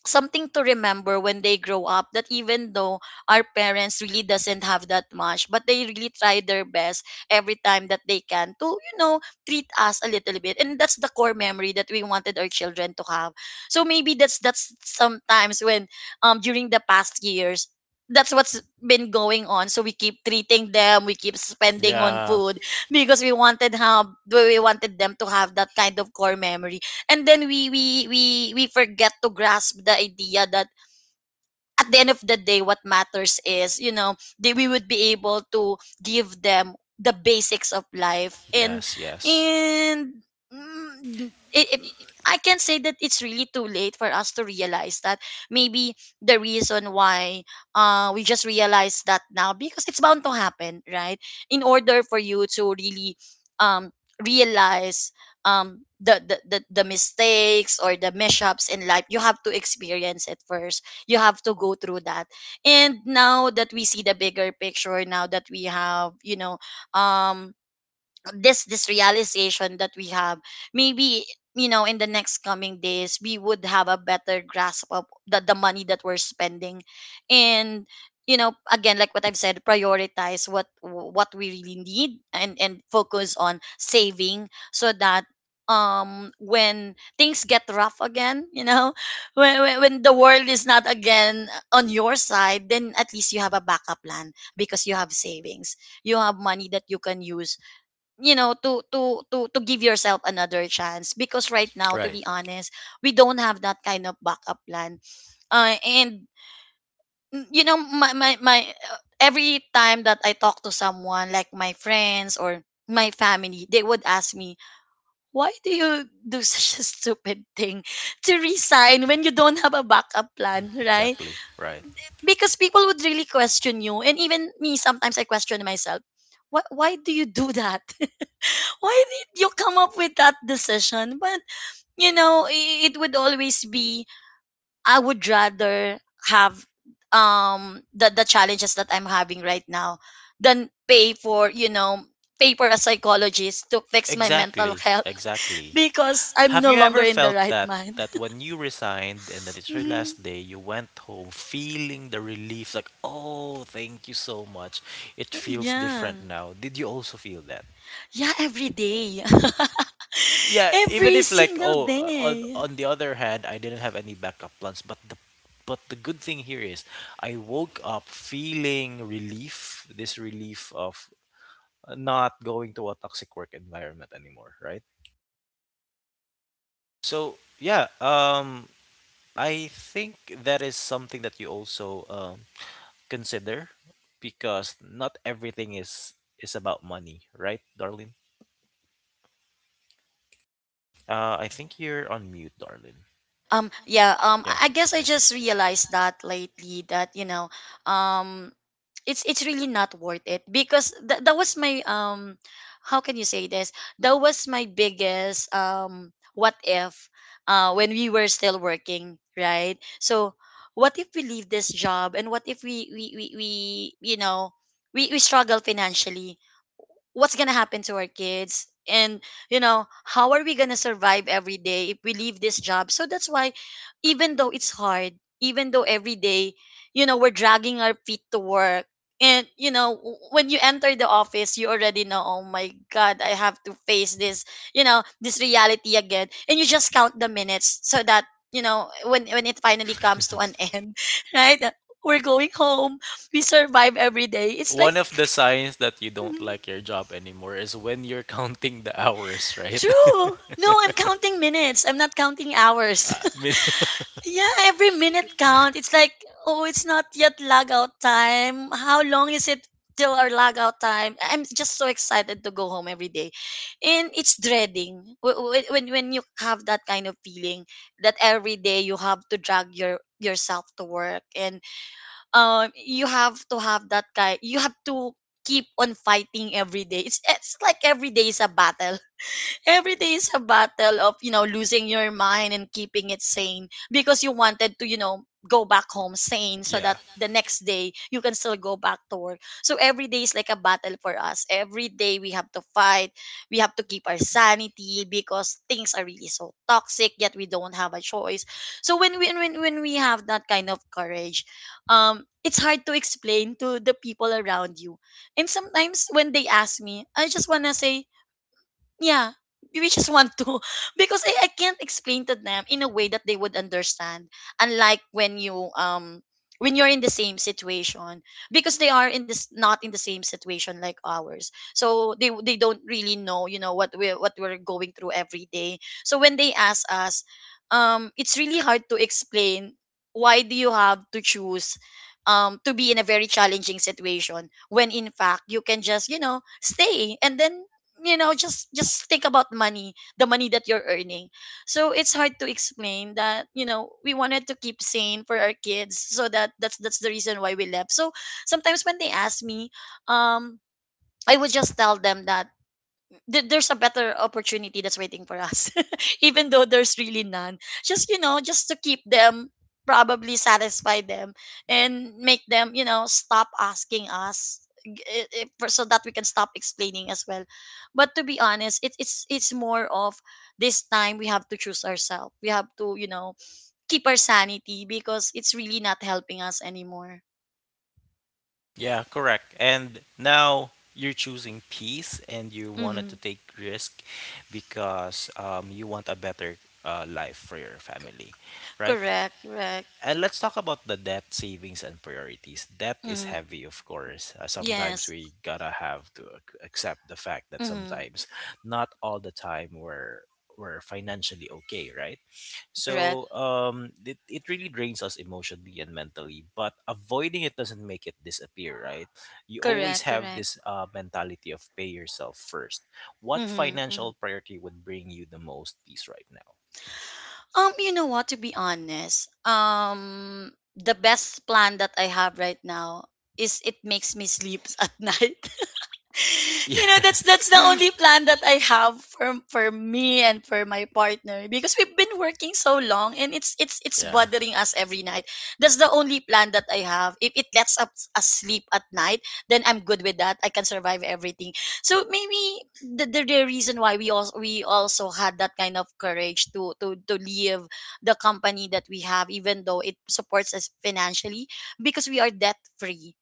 something to remember when they grow up, that even though our parents really doesn't have that much, but they really try their best every time that they can to treat us a little bit. And that's the core memory that we wanted our children to have. So maybe that's sometimes when, during the past years, that's what's been going on. So we keep treating them, we keep spending on
Yeah,
food, because we wanted them to have that kind of core memory. And then we forget to grasp the idea that at the end of the day, what matters is that we would be able to give them the basics of life, and
yes, yes.
and mm, it, it- I can say that it's really too late for us to realize that. Maybe the reason why we just realize that now, because it's bound to happen, right? In order for you to really, um realize, the mistakes or the mishaps in life, you have to experience it first. You have to go through that, and now that we see the bigger picture, now that we have, um this realization that we have, maybe, in the next coming days, we would have a better grasp of the money that we're spending. And again, like what I've said, prioritize what we really need, and focus on saving, so that, when things get rough again, when the world is not again on your side, then at least you have a backup plan, because you have savings, you have money that you can use, to give yourself another chance. Because right now, to
Right.
be honest, we don't have that kind of backup plan. And mm, you know my my, my every time that I talk to someone like my friends or my family, they would ask me, why do you do such a stupid thing, to resign when you don't have a backup plan, right?
Exactly. Right.
Because people would really question you, and even me sometimes, I question myself, why do you do that? Why did you come up with that decision? But it would always be, I would rather have the challenges that I'm having right now, than pay for, pay for a psychologist to fix my mental
Exactly.
health.
Exactly.
Because I'm
Have
no
you
longer
ever
in the
felt
right
that
mind.
that when you resigned and that it's your
Mhm.
last day, you went home feeling the relief like, "Oh, thank you so much. It feels different
Yan.
now." Did you also feel that?
Yeah, every day.
Yeah, even
Every
if like
single
oh,
day.
on the other hand, I didn't have any backup plans, but the good thing here is I woke up feeling relief, this relief of not going to a toxic work environment anymore, right? So yeah, I think that is something that you also consider, because not everything is about money, right, darling? Uh, I think you're on mute, darling. Um,
Yeah,
I Yeah.
I guess I
guess I
just
just
realized
realized
that
that like
lately, that, um, it's really not worth it, because that was my, how can you say this, that was my biggest, what if, when we were still working, right? So what if we leave this job, and what if we we you know we struggle financially? What's gonna happen to our kids, and how are we gonna survive every day if we leave this job? So that's why, even though it's hard, even though every day, we're dragging our feet to work, and when you enter the office, you already know, oh my god, I have to face this, this reality again. And you just count the minutes, so that, when it finally comes to an end, right? That, we're going home. We survive every day. It's like,
One lately. Of the signs that you don't
mhm,
like your job anymore is when you're counting the hours, right?
true. No, I'm counting minutes. I'm not counting
I
hours.
Mean,
Yeah, every minute count. It's like, oh, it's not yet log out time. How long is it till our log out time? I'm just so excited to go home every day. And it's dreading. When you have that kind of feeling, that every day you have to drag yourself to work, and you have to keep on fighting every day. It's like every day is a battle, every day is a battle of losing your mind and keeping it sane, because you wanted to, go back home sane, so that
yeah. so that
the next day you can still go back to work. So every day is like a battle for us, every day we have to fight, we have to keep our sanity, because things are really so toxic, yet we don't have a choice. So when we have that kind of courage, it's hard to explain to the people around you. And sometimes when they ask me, I just want to say, yeah, we just want to, because I can't explain to them in a way that they would understand. Unlike when you're in the same situation, because they are in this not in the same situation like ours. So they don't really know, what we're going through every day. So when they ask us, it's really hard to explain, why do you have to choose, to be in a very challenging situation, when in fact you can just, stay, and then just think about money the money that you're earning. So it's hard to explain that, we wanted to keep sane for our kids, so that's that's the reason why we left. So sometimes when they ask me, um I would just tell them that, there's a better opportunity that's waiting for us, even though there's really none, just you know just to keep them, probably satisfy them, and make them, stop asking us, so that we can stop explaining as well. But to be honest, it's more of, this time we have to choose ourselves, we have to, keep our sanity, because it's really not helping us anymore.
Yeah, correct. And now you're choosing peace and you wanted
Mm-hmm.
to take risk because you want a better life for your family, right?
Correct, correct.
And let's talk about the debt savings and priorities. Debt is
Mm-hmm.
heavy, of course. Sometimes
Yes.
we gotta have to accept the fact that
Mm-hmm.
sometimes, not all the time, we're financially okay, right?
Correct,
So it, it really drains us emotionally and mentally. But avoiding it doesn't make it disappear, right? You always
correct,
have
correct.
this mentality of pay yourself first. What
Hmm, hmm.
financial priority would bring you the most peace right now?
You know what? To be honest, the best plan that I have right now is it makes me sleep at night. That's the only plan that I have, for me and for my partner, because we've been working so long, and it's
Yeah,
bothering us every night. That's the only plan that I have. If it lets us sleep at night, then I'm good with that. I can survive everything. So maybe the reason why we also had that kind of courage to leave the company that we have, even though it supports us financially, because we are debt free.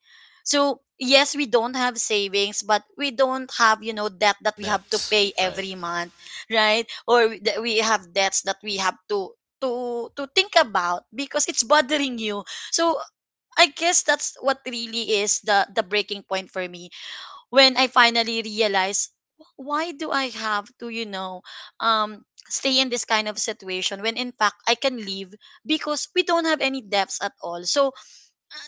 So yes, we don't have savings, but we don't have, debt that we have to
that's
pay
right.
every month, right? Or that we have debts that we have to think about, because it's bothering you. So I guess that's what really is the breaking point for me, when I finally realize, why do I have to, stay in this kind of situation, when in fact I can leave, because we don't have any debts at all. So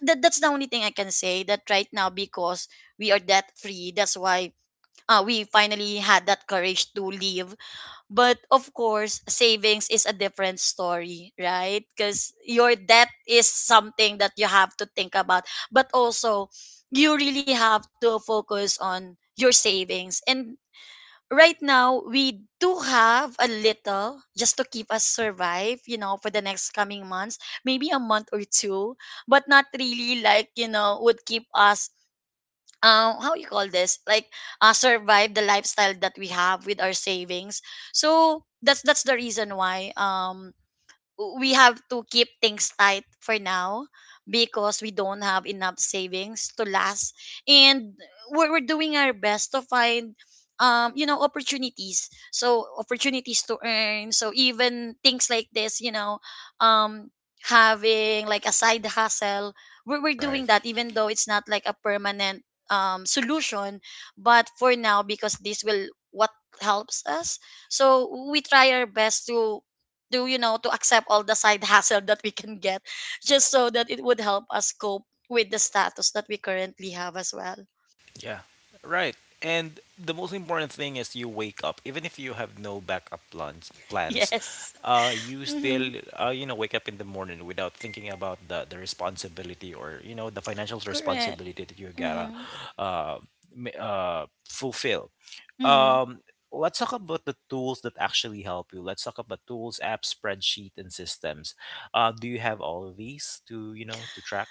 that's the only thing I can say that right now, because we are debt free, that's why we finally had that courage to leave. But of course savings is a different story, right? Because your debt is something that you have to think about, but also, you really have to focus on your savings. And right now we do have a little, just to keep us survive, for the next coming months, maybe a month or two, but not really like, would keep us, how you call this, like, survive the lifestyle that we have with our savings. So that's the reason why, we have to keep things tight for now, because we don't have enough savings to last. And we're doing our best to find, opportunities, opportunities to earn. So even things like this, um having like a side hustle, we're
Right.
doing that, even though it's not like a permanent, solution, but for now, because this will, what helps us. So we try our best, to you know to accept all the side hassle that we can get, just so that it would help us cope with the status that we currently have as well.
Yeah. Right. And the most important thing is you wake up, even if you have no backup plans. Plans,
Yes.
you
Mm-hmm.
still you know wake up in the morning without thinking about the responsibility or you know the financial
Correct.
responsibility that you gotta
Mm-hmm.
uh, fulfill.
Mm-hmm.
Um, let's talk about the tools that actually help you. Let's talk about tools, apps, spreadsheet, and systems. Do you have all of these to you know to track?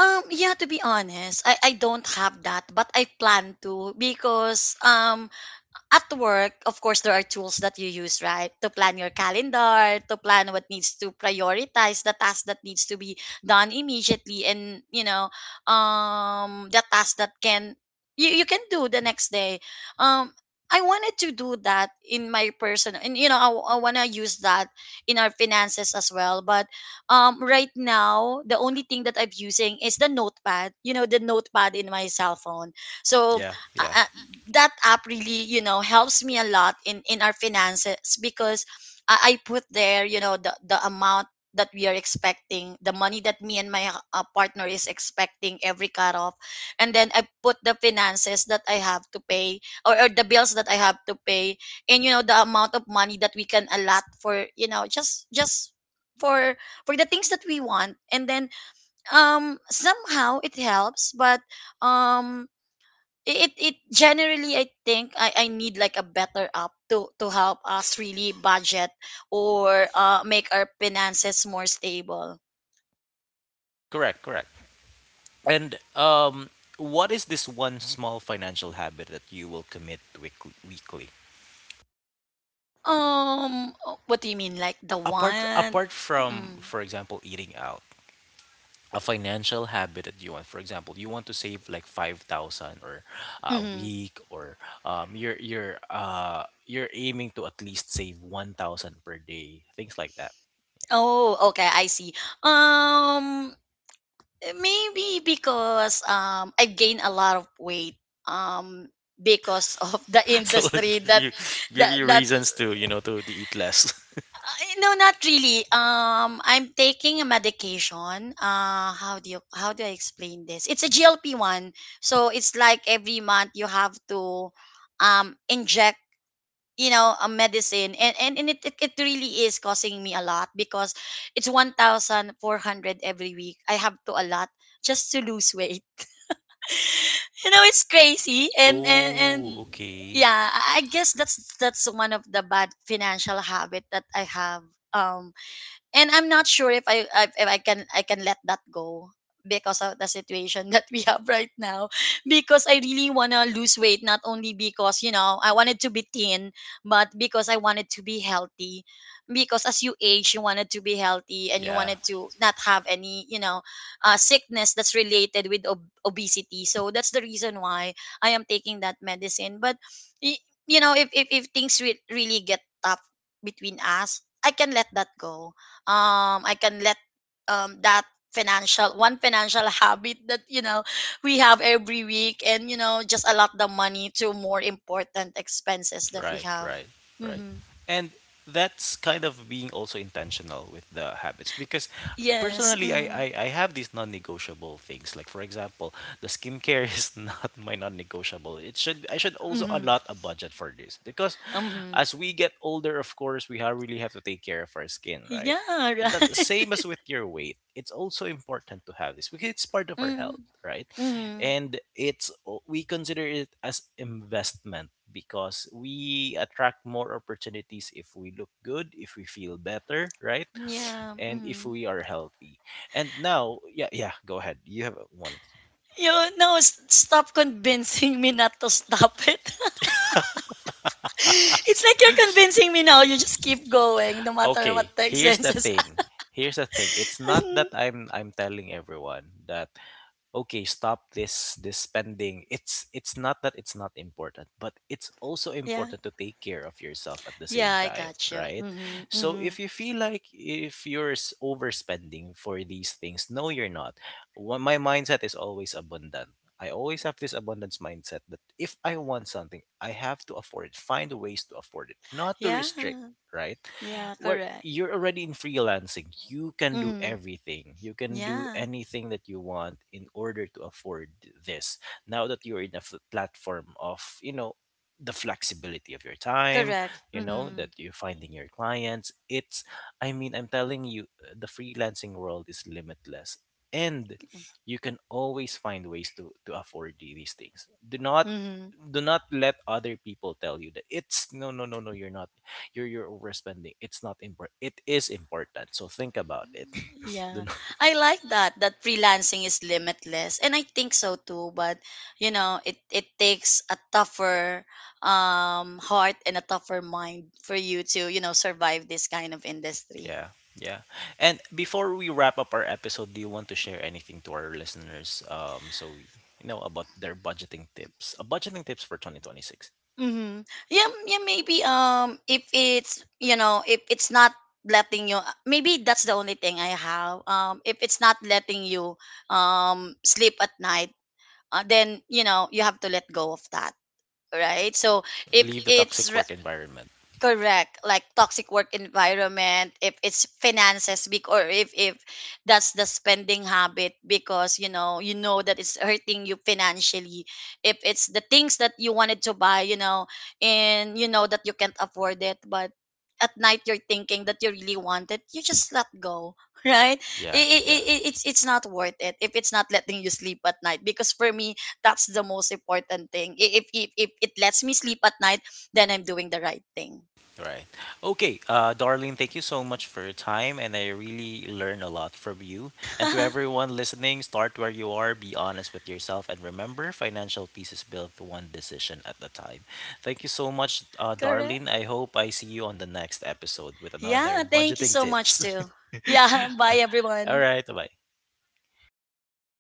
Yeah, to be honest, I don't have that, but I plan to, because, at work, of course, there are tools that you use, right? To plan your calendar, to plan what needs to prioritize the task that needs to be done immediately, and, the task that can you can do the next day. Um, I wanted to do that in my person, and you know, I wanna use that in our finances as well. But right now, the only thing that I'm using is the notepad. You know, the notepad in my cell phone. So
Yeah. Yeah.
I, that app really you know helps me a lot in our finances because I put there you know the amount that we are expecting, the money that me and my partner is expecting every cut off, and then I put the finances that I have to pay, or the bills that I have to pay, and you know the amount of money that we can allot for, you know, just for the things that we want. And then somehow it helps, but um it generally I think I need like a better app to help us really budget or make our finances more stable.
Correct. Correct. And what is this one small financial habit that you will commit weekly? Weekly?
Um, what do you mean, like, the
Apart
one?
apart from,
Mm.
for example, eating out, a financial habit that you want. For example, you want to save like 5,000 or a
Hmm.
week, or you're you're aiming to at least save 1,000 per day, things like that.
Oh, okay, I see. Um, maybe because I've gained a lot of weight, um because of the
So it'll
industry that
give
that
you
that
reasons to you know to eat less.
No, not really. I'm taking a medication. How do I explain this? It's a GLP one, so it's like every month you have to inject, you know, a medicine, and it, it really is causing me a lot because it's 1,400 every week I have to a lot just to lose weight. You know, it's crazy, and
Oh, okay.
yeah, I guess that's one of the bad financial habit that I have. um, and I'm not sure if I can let that go because of the situation that we have right now, because I really want to lose weight, not only because you know I wanted to be thin, but because I wanted to be healthy, because as you age you wanted to be healthy and you
Yeah.
wanted to not have any, you know, sickness that's related with obesity. So that's the reason why I am taking that medicine. But y- you know if if things really get tough between us, I can let that go. I can let that financial one financial habit that you know we have every week, and you know, just allot the money to more important expenses that we
Right,
have.
right, right.
Mm-hmm.
And that's kind of being also intentional with the habits because
Yes.
personally
Mm-hmm.
I have these non-negotiable things, like for example the skincare is not my non-negotiable. It should, I should also
Mm-hmm.
allot a budget for this because
Mm-hmm.
as we get older, of course we really have to take care of our skin, right?
Yeah,
That
right.
same as with your weight, it's also important to have this because it's part of our
Mm-hmm.
health, right?
Mm-hmm.
And it's we consider it as investment because we attract more opportunities if we look good, if we feel better, right?
Yeah.
And if
Mm-hmm.
we are healthy, and now yeah, yeah, go ahead, you have one.
You, no, stop convincing me not to stop it. It's like you're convincing me now, you just keep going no matter what
Okay,
the
here's the
expenses.
thing, here's the thing, it's not that I'm telling everyone that okay, stop this this spending. It's not that it's not important, but it's also
Yeah.
important to take care of yourself at the
Yeah,
same
I
time,
got you.
right?
Mm-hmm.
So
Mm-hmm.
if you feel like if you're overspending for these things, no, you're not. My mindset is always abundant. I always have this abundance mindset that if I want something, I have to afford it, find ways to afford it, not to
Yeah.
restrict, right?
Yeah,
Where
correct.
you're already in freelancing, you can do
Mm-hmm.
everything, you can do
Yeah,
anything that you want in order to afford this, now that you're in a platform of you know the flexibility of your time,
correct.
you know
Mm-hmm.
that you're finding your clients. It's I mean, I'm telling you, the freelancing world is limitless, and you can always find ways to afford these things. Do not,
Mm-hmm.
do not let other people tell you that it's no, no, no, no, you're not, you're you're overspending. It's not important. It is important. So think about it. Do
Yeah.
not-
I like that, that freelancing is limitless, and I think so too, but you know, it takes a tougher heart and a tougher mind for you to, you know, survive this kind of industry.
yeah, yeah. And before we wrap up our episode, do you want to share anything to our listeners? So we you know about their budgeting tips. Budgeting tips for 2026.
Mm-hmm. Yeah, yeah, maybe if it's, you know, if it's not letting you, maybe that's the only thing I have, if it's not letting you sleep at night, then you know you have to let go of that, right? So if
Leave the
it's,
toxic work environment.
correct, like toxic work environment, if it's finances, big, or if that's the spending habit, because you know, you know that it's hurting you financially, if it's the things that you wanted to buy, you know, and you know that you can't afford it, but at night you're thinking that you really want it, you just let go. Right.
Yeah,
it, it, it,
yeah.
it- it's it's not worth it if it's not letting you sleep at night, because for me, that's the most important thing. If it lets me sleep at night, then I'm doing the right thing.
Right. Okay, Darlene, thank you so much for your time, and I really learned a lot from you. And to everyone listening, start where you are, be honest with yourself, and remember financial peace is built one decision at a time. Thank you so much,
Correct.
Darlene. I hope I see you on the next episode with another
Yeah, thank you
budgeting
so much
tips.
too. Yeah, bye
All
everyone.
right, bye. Galing.